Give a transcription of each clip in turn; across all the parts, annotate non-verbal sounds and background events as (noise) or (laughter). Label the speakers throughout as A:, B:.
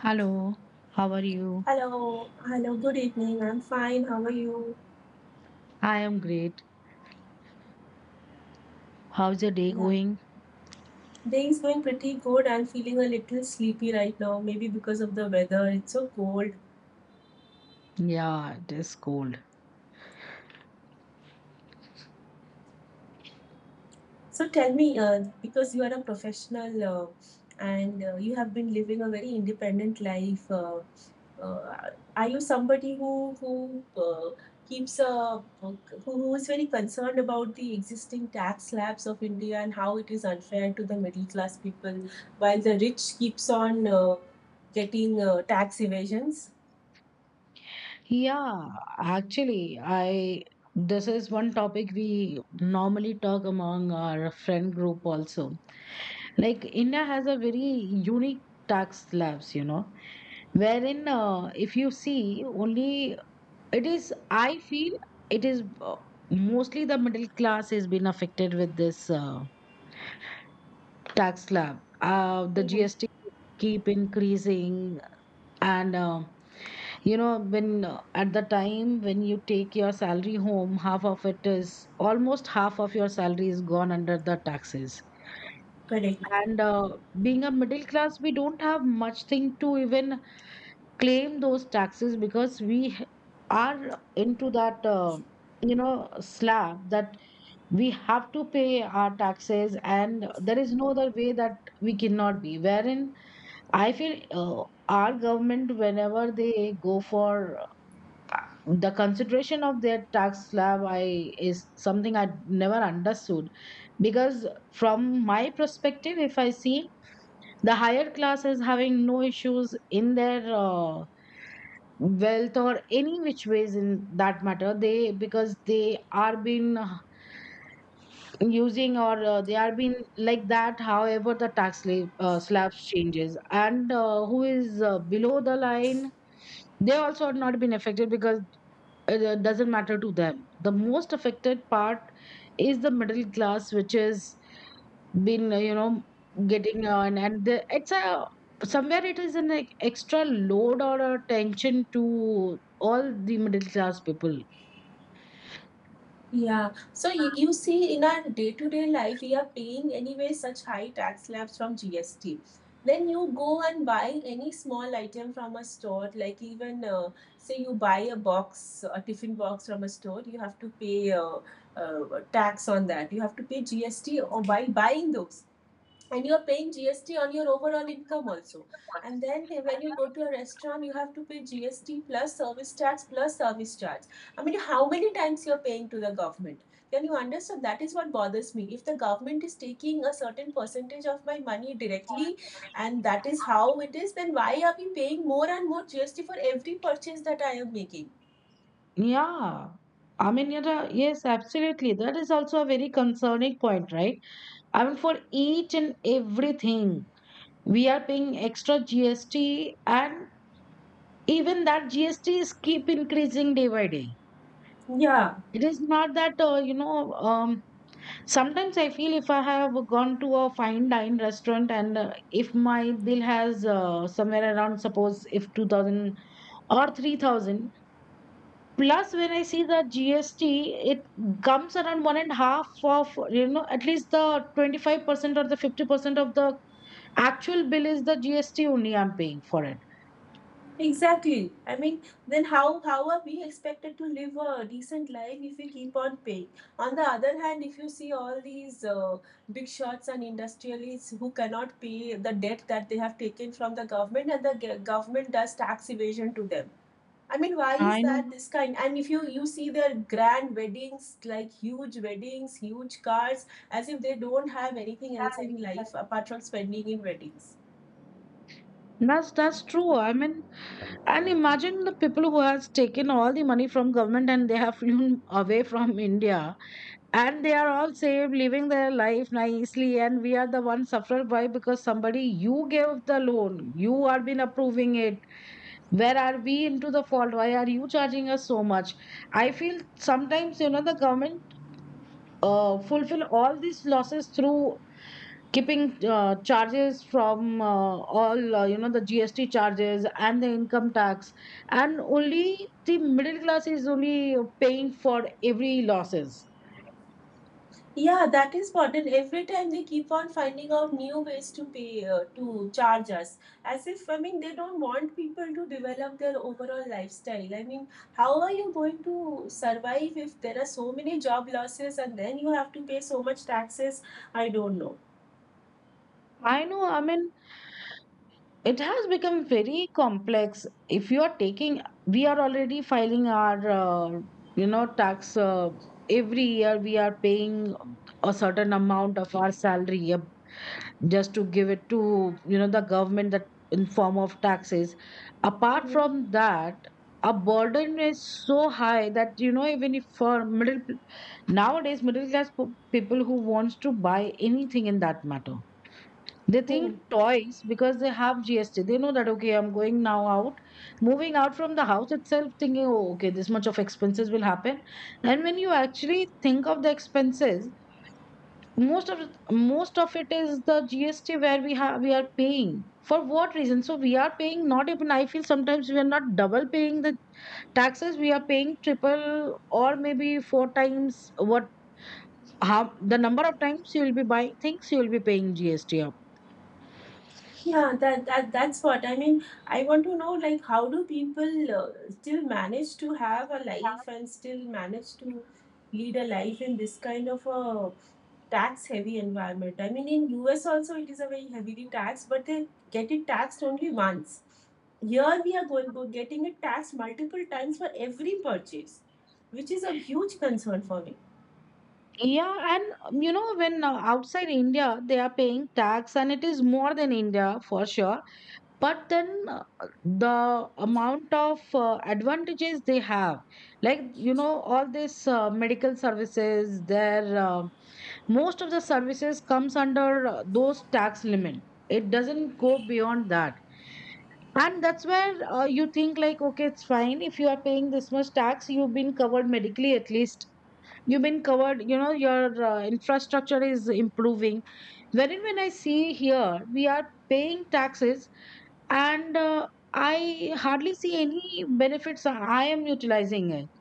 A: Hello, how are you?
B: Hello, hello, good evening. I'm fine. How are you?
A: I am great. How's your day
B: Yeah,
A: going?
B: day is going pretty good. I'm feeling a little sleepy right now, maybe because of the weather. It's so cold.
A: Yeah, it is cold.
B: So tell me, because you are a professional and you have been living a very independent life, are you somebody who keeps a who is very concerned about the existing tax slabs of India and how it is unfair to the middle class people, while the rich keeps on getting tax evasions?
A: Yeah, actually, I This is one topic we normally talk among our friend group also. Like India has a very unique tax slabs, wherein if you see only, it is I feel it is mostly the middle class has been affected with this tax slab. The
B: Mhm.
A: GST keep increasing, and you know when at the time when you take your salary home, half of it is almost half of your salary is gone under the taxes.
B: Correct.
A: And being a middle class, we don't have much thing to even claim those taxes, because are into that slab that we have to pay our taxes, and there is no other way that we cannot be. Wherein I feel our government, whenever they go for uh, the consideration of their tax slab, I is something I never understood. Because from my perspective, if I see the higher class is having no issues in their wealth or any which ways in that matter, they because they are been using or they are been like that. However, the tax slabs changes and who is below the line, they also are not been affected because it doesn't matter to them. The most affected part is the middle class, which is been getting on, and the, it's a somewhere it is an extra load or a tension to all the middle class people.
B: Yeah, so you see, in our day-to-day life, we are paying anyway such high tax slabs from GST. When you go and buy any small item from a store, like even say you buy a a tiffin box from a store, you have to pay uh, tax on that. You have to pay GST or by buying those and you are paying GST on your overall income also. And then when you go to a restaurant, you have to pay GST plus service tax plus service charge. I mean, how many times you are paying to the government? Can you understand? That is what bothers me. If the government is taking a certain percentage of my money directly, and that is how it is, then why are we paying more and more GST for every purchase that I am making?
A: Yeah, I mean, yes, absolutely. That is also a very concerning point, right? I mean, for each and everything, we are paying extra GST, and even that GST is keep increasing day by day.
B: Yeah,
A: It is not that you know. Sometimes I feel if I have gone to a fine dine restaurant and if my bill has somewhere around, suppose if 2,000 or 3,000 plus, when I see the GST, it comes around one and a half of, at least the 25% or the 50% of the actual bill is the GST only I'm paying for it.
B: exactly. I mean, then how are we expected to live a decent life if we keep on paying? On the other hand, if you see all these big shots and industrialists who cannot pay the debt that they have taken from the government, and the government does tax evasion to them. I mean, why is
A: I know.
B: that this kind? And if you see their grand weddings, like huge weddings, huge cars, as if they don't have anything else in life apart from spending in weddings.
A: That's true. I mean, and imagine the people who has taken all the money from government and they have (laughs) flown away from India, and they are all safe, living their life nicely, and we are the one sufferer. Why? Because somebody you gave the loan, you are been approving it. Where are we into the fault? Why are you charging us so much? I feel sometimes, the government fulfill all these losses through keeping charges from all the gst charges and the income tax, and only the middle class is only paying for every losses.
B: Yeah, that is what. And every time they keep on finding out new ways to pay to charge us, as if I mean they don't want people to develop their overall lifestyle. I mean, how are you going to survive if there are so many job losses and then you have to pay so much taxes? I don't know.
A: I know. I mean, it has become very complex. If you are taking, we are already filing our tax every year. We are paying a certain amount of our salary, a just to give it to, the government, that in form of taxes. Apart
B: Mhm.
A: from that, a burden is so high that, even if for middle, nowadays middle class people who wants to buy anything in that matter, they think
B: Hmm.
A: twice because they have gst. They know that okay, I'm going now out, moving out from the house itself thinking, oh, okay, this much of expenses will happen. And when you actually think of the expenses, most of most of it is the GST where we are paying for what reason? So we are paying, not even, I feel sometimes, we are not double paying the taxes. We are paying triple or maybe four times. What, how, the number of times you will be buying things, you will be paying GST up.
B: Yeah, that's what I mean. I want to know like how do people still manage to have a life and still manage to lead a life in this kind of a tax heavy environment. I mean in US also it is a very heavily taxed, but they get it taxed only once. Here we are getting it taxed multiple times for every purchase, which is a huge concern for me.
A: Yeah, and when outside India, they are paying tax and it is more than India for sure, but then the amount of advantages they have, like all this medical services, their most of the services comes under those tax limit, it doesn't go beyond that. And that's where you think like, okay, it's fine. If you are paying this much tax, you've been covered medically at least. You've been covered, your infrastructure is improving. Wherein, when I see here, we are paying taxes, and I hardly see any benefits. I am utilizing it.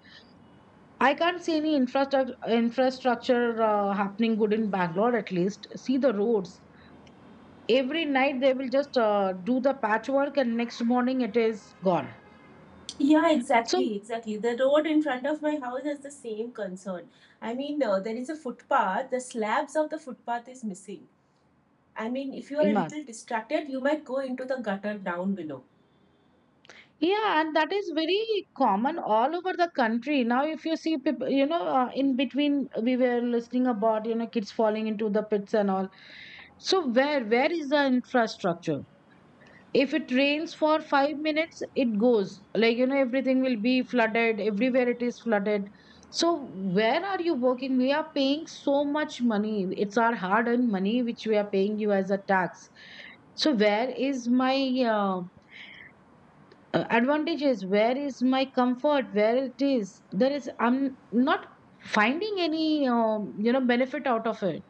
A: I can't see any infrastructure happening good in Bangalore. At least see the roads. Every night they will just do the patchwork, and next morning it is gone.
B: Yeah,
A: So
B: exactly, exactly. The road in front of my house has the same concern. I mean, there is a footpath, the slabs of the footpath is missing. I mean, if you are a little
A: imagine.
B: distracted, you might go into the gutter down below.
A: Yeah, and that is very common all over the country. Now, if you see people, in between, we were listening about, kids falling into the pits and all. So where is the infrastructure? If it rains for 5 minutes, it goes. Like everything will be flooded. Everywhere it is flooded. So where are you working? We are paying so much money. It's our hard-earned money which we are paying you as a tax. So where is my uh, advantages? Where is my comfort? Where it is? There is. I'm not finding any benefit out of it.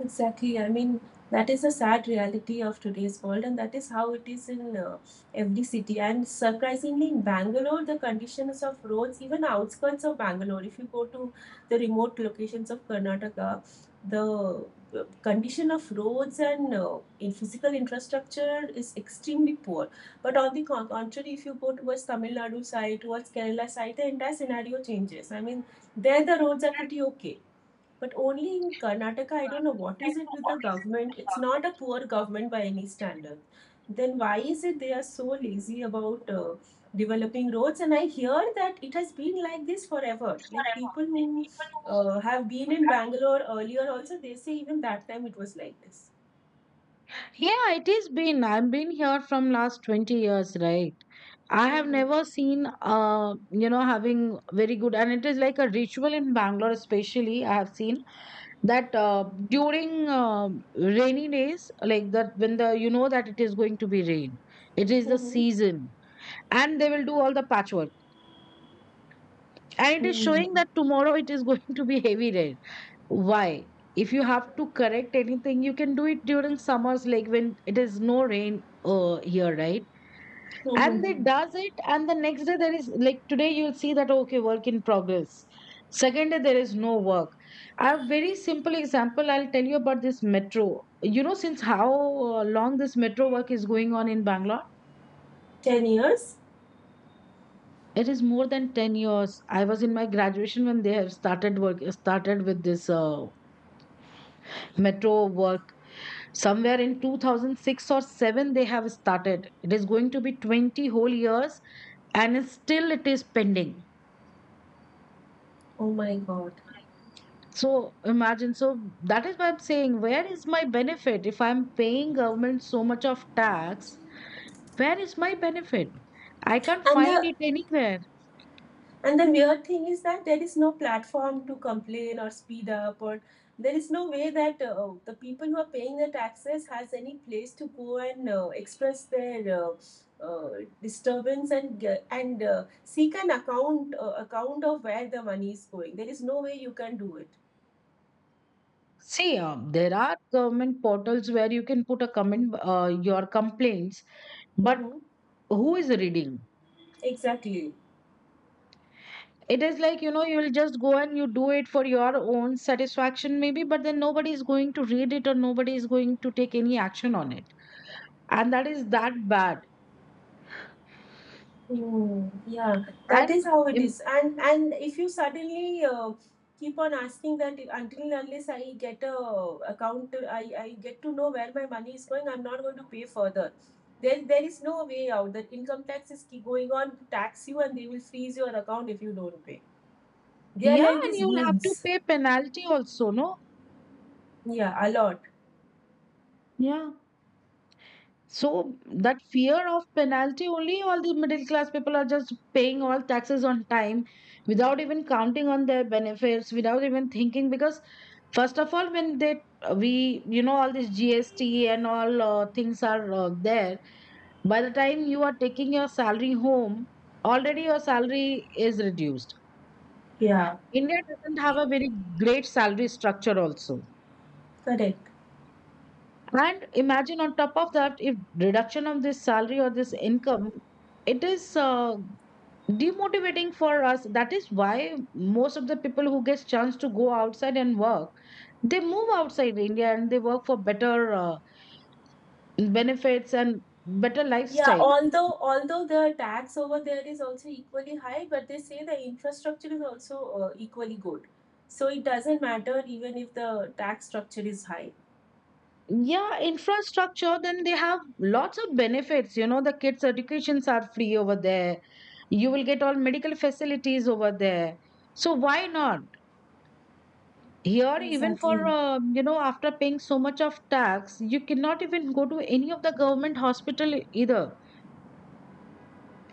B: Exactly. I mean, that is a sad reality of today's world, and that is how it is in every city. And surprisingly, in Bangalore, the conditions of roads, even outskirts of Bangalore, if you go to the remote locations of Karnataka, the condition of roads and in physical infrastructure is extremely poor. But on the contrary, if you go towards Tamil Nadu side, towards Kerala side, the entire scenario changes. I mean, there the roads are pretty okay but only in Karnataka, I don't know what is it with the government. It's not a poor government by any standard. Then why is it they are so lazy about developing roads? And I hear that it has been like this forever. Like people who have been in Bangalore earlier also, they say even that time it was like this.
A: Yeah, it is been. I've been here from last 20 years, right? I have
B: Mhm.
A: never seen, having very good, and it is like a ritual in Bangalore, especially. I have seen that during rainy days, like that, when the that it is going to be rain, it is the
B: Mhm.
A: season, and they will do all the patchwork, and it is showing
B: Mhm.
A: that tomorrow it is (laughs) going to be heavy rain. Why? If you have to correct anything, you can do it during summers, like when it is no rain here, right? And they
B: Mhm.
A: does it, and the next day there is like today you'll see that, okay, work in progress. Second day there is no work. A very simple example, I'll tell you about this metro. You know since how long this metro work is going on in Bangalore.
B: 10 years?
A: It is more than 10 years. I was in my graduation when they have started, work started with this metro work somewhere in 2006 or 7, they have started. It is going to be 20 whole years, and still it is pending.
B: Oh my god.
A: So imagine, so that is why I'm saying, where is my benefit? If I'm paying government so much of tax, where is my benefit? I can't
B: And
A: find it anywhere.
B: The weird thing is that there is no platform to complain or speed up, or there is no way that the people who are paying the taxes has any place to go and express their disturbance and seek an account of where the money is going. There is no way you can do it.
A: See, there are government portals where you can put a comment, your complaints, but
B: Hmm.
A: who is reading?
B: Exactly.
A: It is like, you will just go and you do it for your own satisfaction, maybe, but then nobody is going to read it or nobody is going to take any action on it. And that is that bad.
B: Mm, yeah, that
A: And
B: is how it is. And if you suddenly keep on asking that until and unless I get a I get to know where my money is going, I'm not going to pay further. There is no way out. That income tax is keep going on to tax you and they will freeze your account if you don't pay. They are
A: Yeah,
B: like
A: and
B: these
A: you'll have to
B: goons.
A: pay penalty also, no?
B: Yeah, a lot.
A: Yeah. So that fear of penalty only, all the middle class people are just paying all taxes on time without even counting on their benefits, without even thinking, because first of all when they we, all this GST and all things are there. By the time you are taking your salary home, already your salary is reduced.
B: Yeah,
A: India doesn't have a very great salary structure also.
B: correct.
A: And imagine on top of that, if reduction of this salary or this income, it is demotivating for us. That is why most of the people who gets chance to go outside and work, they move outside India and they work for better benefits and better
B: Yeah,
A: lifestyle.
B: although the tax over there is also equally high, but they say the infrastructure is also equally good. So it doesn't matter even if the tax structure is high.
A: Yeah, infrastructure, then they have lots of benefits. You know, the kids' educations are free over there. You will get all medical facilities over there. So why not? Here, even
B: Exactly.
A: for, after paying so much of tax, you cannot even go to any of the government hospital either.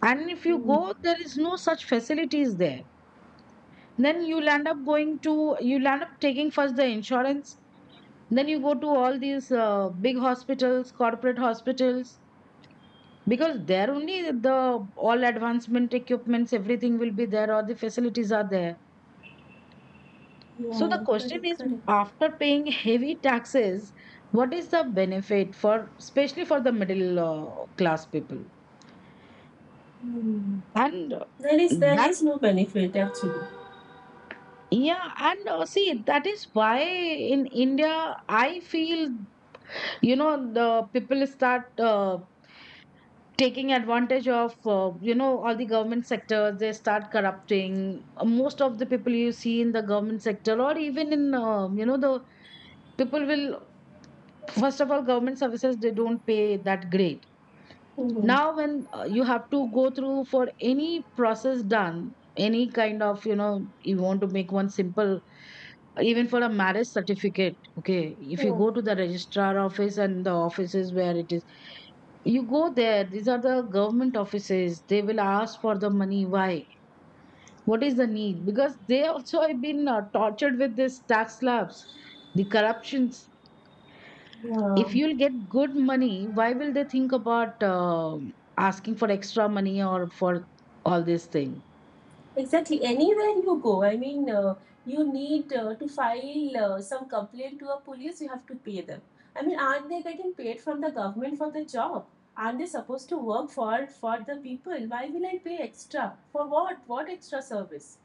A: And if you
B: Hmm.
A: go, there is no such facilities there. Then you'll end up going to, you'll end up taking first the insurance. Then you go to all these big hospitals, corporate hospitals, because there only the all advancement equipments, everything will be there, or the facilities are there. So the
B: Yeah,
A: question
B: correct,
A: is,
B: correct.
A: after paying heavy taxes, what is the benefit for, especially for the middle class people?
B: Hmm.
A: And
B: There
A: that,
B: is no benefit actually.
A: yeah, and see, that is why in India, I feel, the people start taking advantage of, all the government sectors, they start corrupting. Most of the people you see in the government sector or even in, the people will, first of all, government services, they don't pay that great
B: Hmm.
A: now. When you have to go through for any process done, any kind of, you know, you want to make one simple, even for a marriage certificate, okay, if you
B: Hmm.
A: go to the registrar office and the offices where it is, you go there, these are the government offices, they will ask for the money. Why? What is the need? Because they also have been tortured with this tax slabs, the corruptions. If
B: Yeah.
A: you'll get good money, why will they think about asking for extra money or for all this thing?
B: Exactly. Anywhere you go, I mean, you need to file some complaint to a police, you have to pay them. I mean, aren't they getting paid from the government for the job? Aren't they supposed to work for the people? Why will I pay extra? For what? What extra service?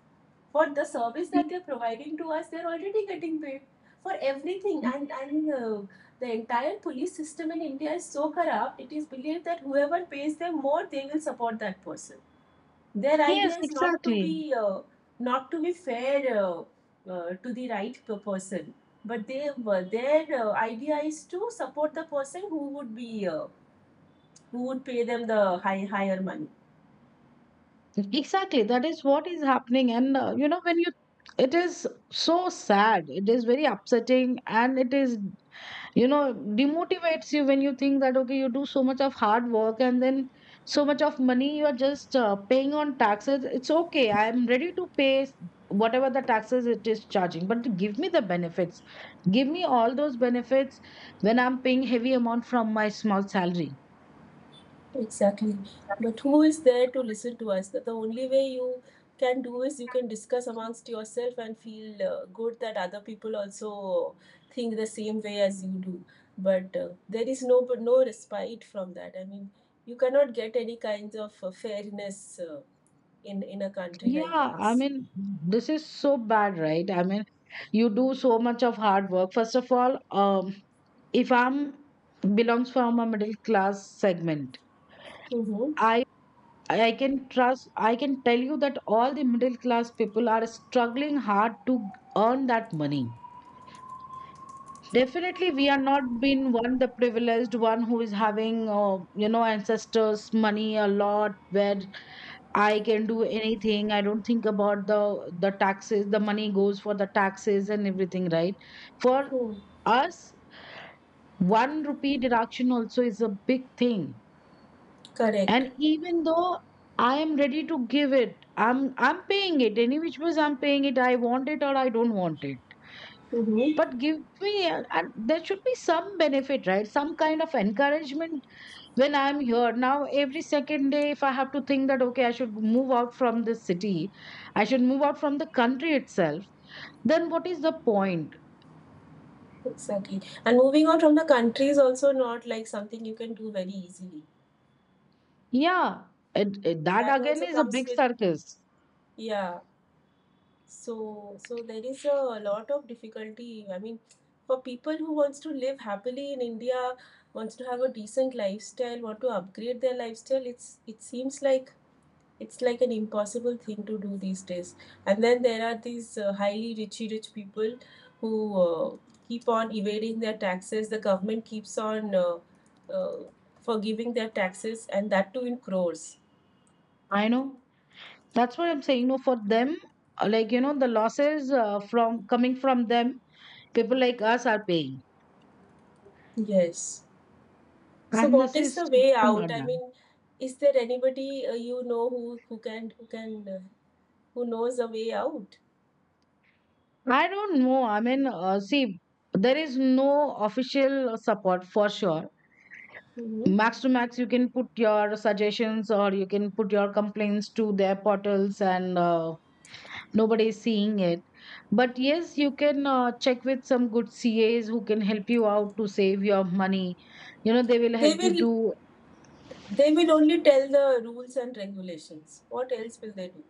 B: For the service that they're providing to us, they're already getting paid for everything,
A: Y-
B: and the entire police system in India is so corrupt. It is believed that whoever pays them more, they will support that person. Their
A: yes,
B: idea is not to
A: exactly.
B: be uh, not to be fair, uh, to the right person, but they their idea is to support the person who would be who would pay them the higher money.
A: Exactly, that is what is happening. And you know, when you, it is so sad, it is very upsetting, and it is, you know, demotivates you when you think that okay, you do so much of hard work, and then so much of money you are just paying on taxes. It's okay, I am ready to pay, whatever the taxes it is charging, but give me the benefits. Give me all those benefits when I'm paying heavy amount from my small salary.
B: Exactly. But who is there to listen to us? The only way you can do is you can discuss amongst yourself and feel good that other people also think the same way as you do. But there is no but no respite from that. I mean, you cannot get any kinds of fairness uh, in a country like
A: Yeah,
B: ours.
A: I mean, this is so bad, right? I mean, you do so much of hard work, first of all, um if I'm, belongs from a middle class segment.
B: Mm-hmm.
A: I. I can trust, I can tell you that all the middle class people are struggling hard to earn that money. Definitely, we are not being one the privileged one who is having, you know, ancestors' money a lot, where I can do anything. I don't think about the taxes. The money goes for the taxes and everything, right? For
B: Hmm.
A: us, one rupee deduction also is a big thing.
B: Correct.
A: And even though I am ready to give it, I'm paying it. Any which was I'm paying it. I want it or I don't want it.
B: Mm-hmm.
A: But give me, and there should be some benefit, right? Some kind of encouragement when I'm here. Now, every second day, if I have to think that, okay, I should move out from the city, I should move out from the country itself, then what is the point?
B: Exactly. And moving on from the country is also not like something you can do very easily.
A: Yeah, it that
B: That
A: again
B: also
A: is a
B: comes
A: big
B: with
A: circus.
B: yeah. So there is a lot of difficulty. I mean, for people who wants to live happily in India, wants to have a decent lifestyle, want to upgrade their lifestyle, it seems like it's like an impossible thing to do these days. And then there are these highly richy rich people who uh, keep on evading their taxes. The government keeps on uh, forgiving their taxes, and that too in crores.
A: I know. That's what I'm saying. No, for them, like, you know, the losses from coming from them, people like us are paying.
B: Yes. So
A: And
B: what
A: this
B: is
A: is
B: the way
A: so
B: out?
A: not
B: I
A: done.
B: mean, is there anybody you know who can who knows a way out?
A: I don't know, I mean, see, there is no official support, for sure.
B: Hmm.
A: Max to max, you can put your suggestions or you can put your complaints to their portals, and nobody is seeing it. But yes, you can check with some good cas who can help you out to save your money. You know, they will
B: They
A: help you
B: will
A: to.
B: they will only tell the rules and regulations. What else will they do?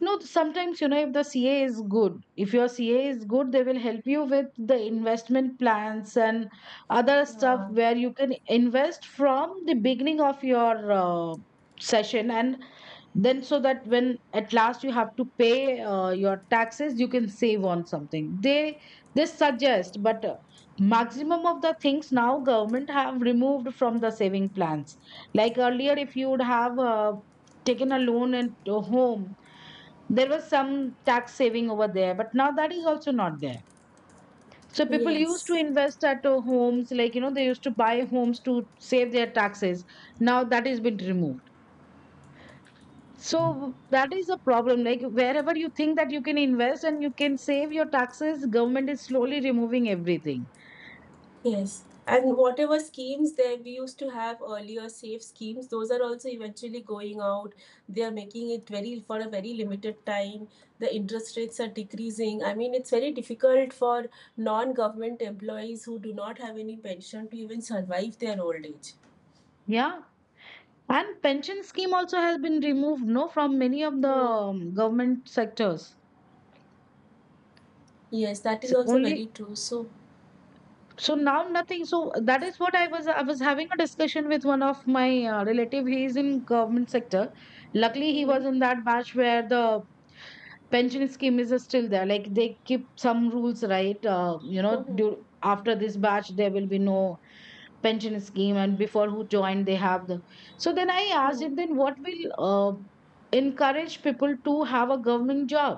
A: No, sometimes, you know, if the CA is good, if your CA is good, they will help you with the investment plans and other stuff
B: Yeah.
A: where you can invest from the beginning of your session. And then, so that when at last you have to pay your taxes, you can save on something. They suggest, but maximum of the things now government have removed from the saving plans. Like earlier, if you would have taken a loan at home, there was some tax saving over there, but now that is also not there. So people used to
B: Yes.
A: invest at homes, like, you know, they used to buy homes to save their taxes. Now that has been removed. So that is a problem. Like, wherever you think that you can invest and you can save your taxes, government is slowly removing everything.
B: Yes, and whatever schemes that we used to have earlier, safe schemes, those are also eventually going out. They are making it very for a very limited time. The interest rates are decreasing. I mean, it's very difficult for non-government employees who do not have any pension to even survive their old age.
A: Yeah, and pension scheme also has been removed, no, from many of the
B: Hmm.
A: government sectors.
B: Yes, that
A: It's
B: is also
A: only,
B: very true. So,
A: so now nothing. So that is what I was having a discussion with one of my relative. He is in government sector. Luckily, he
B: mhm.
A: was in that batch where the pension scheme is still there. Like they keep some rules, right? You know,
B: Mhm.
A: due, after this batch there will be no pension scheme, and before who joined, they have the. So then I asked
B: Mhm.
A: him, then what will uh, encourage people to have a government job?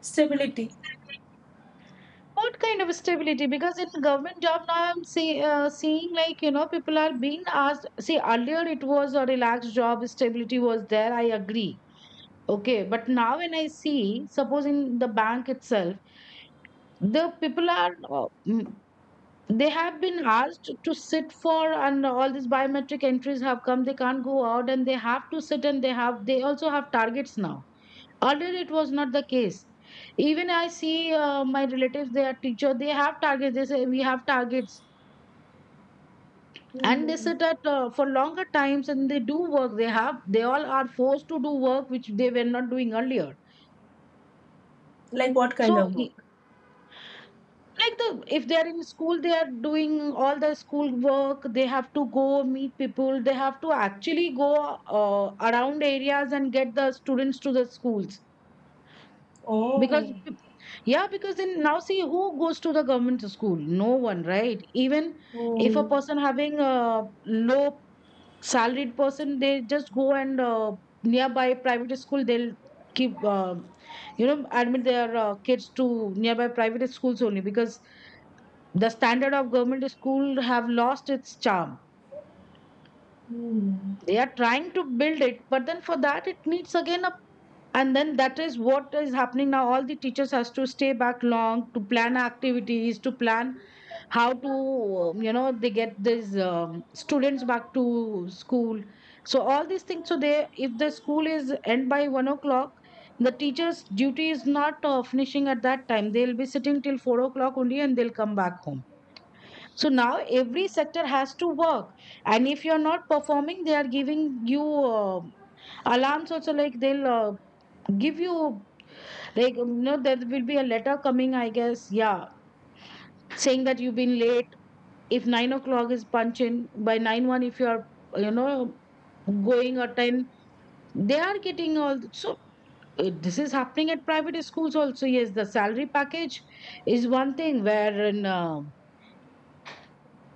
B: Stability.
A: What kind of stability? Because in government job now, I'm see, seeing, like, you know, people are being asked. See, earlier it was a relaxed job, stability was there, I agree. Okay, but now when I see, suppose in the bank itself, the people are they have been asked to sit for, and all these biometric entries have come. They can't go out, and they have to sit, and they also have targets now. Earlier, it was not the case. Even I see my relatives, they are teacher, they have targets. They say we have targets, and they
B: Hmm.
A: sit at for longer times and they do work. They all are forced to do work which they were not doing earlier.
B: Like what kind
A: So
B: of
A: i-
B: work?
A: like, the, if they are in school, they are doing all the school work. They have to go meet people. They have to actually go around areas and get the students to the schools. Because,
B: Oh.
A: yeah, because then now see, who goes to the government school? No one, right? Even if a
B: Hmm.
A: person having a low salaried person, they just go and nearby private school, they'll keep, you know, admit their kids to nearby private schools only because the standard of government school have lost its charm.
B: Hmm.
A: They are trying to build it, but then for that it needs again. And then, that is what is happening now. All the teachers has to stay back long to plan activities, to plan how to, you know, they get these students back to school. So all these things, so they, if the school is end by 1 o'clock, the teachers duty is not finishing at that time. They'll be sitting till 4 o'clock only, and they'll come back home. So now every sector has to work, and if you're not performing, they are giving you alarms also. Like they'll give you, like, you know, there will be a letter coming, I guess, yeah, saying that you've been late. If 9 o'clock is punch in, by nine one, if you are, you know, going or ten, they are getting all. So this is happening at private schools also. Yes, the salary package is one thing where,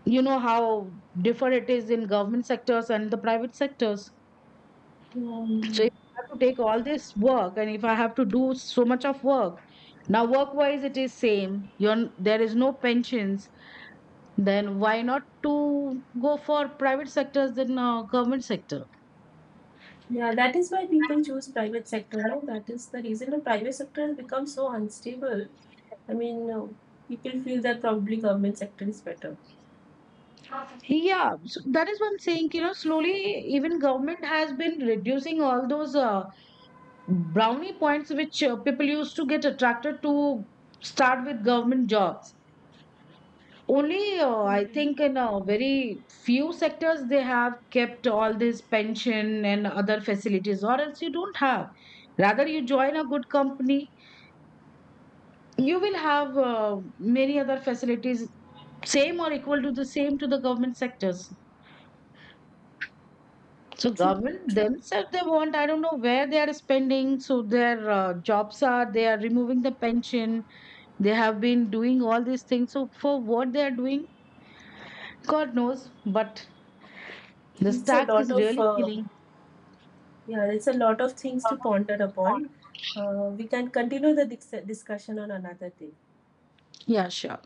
A: you know, how different it is in government sectors and the private sectors. So
B: Hmm.
A: if I have to take all this work, and if I have to do so much of work, now work wise it is same, there is no pensions, then why not to go for private sectors than government sector?
B: Yeah, that is why people choose private sector. No, that is the reason the private sector has become so unstable. I mean, people feel that probably government sector is better.
A: Yeah, so that is one saying, you know. Slowly, even government has been reducing all those brownie points which people used to get attracted to, start with government jobs. Only I
B: Mm,
A: think in a very few sectors they have kept all this pension and other facilities, or else you don't have. Rather, you join a good company, you will have many other facilities, same or equal to the same to the government sectors. So
B: true,
A: government
B: true.
A: themselves, they want, I don't know where they are spending, so their jobs are, they are removing the pension. They have been doing all these things. So for what they are doing, god knows. But this
B: It's a
A: tax
B: lot
A: is
B: of
A: really killing.
B: yeah, it's a lot of things to ponder upon. We can continue the discussion on another day.
A: Yeah, sure.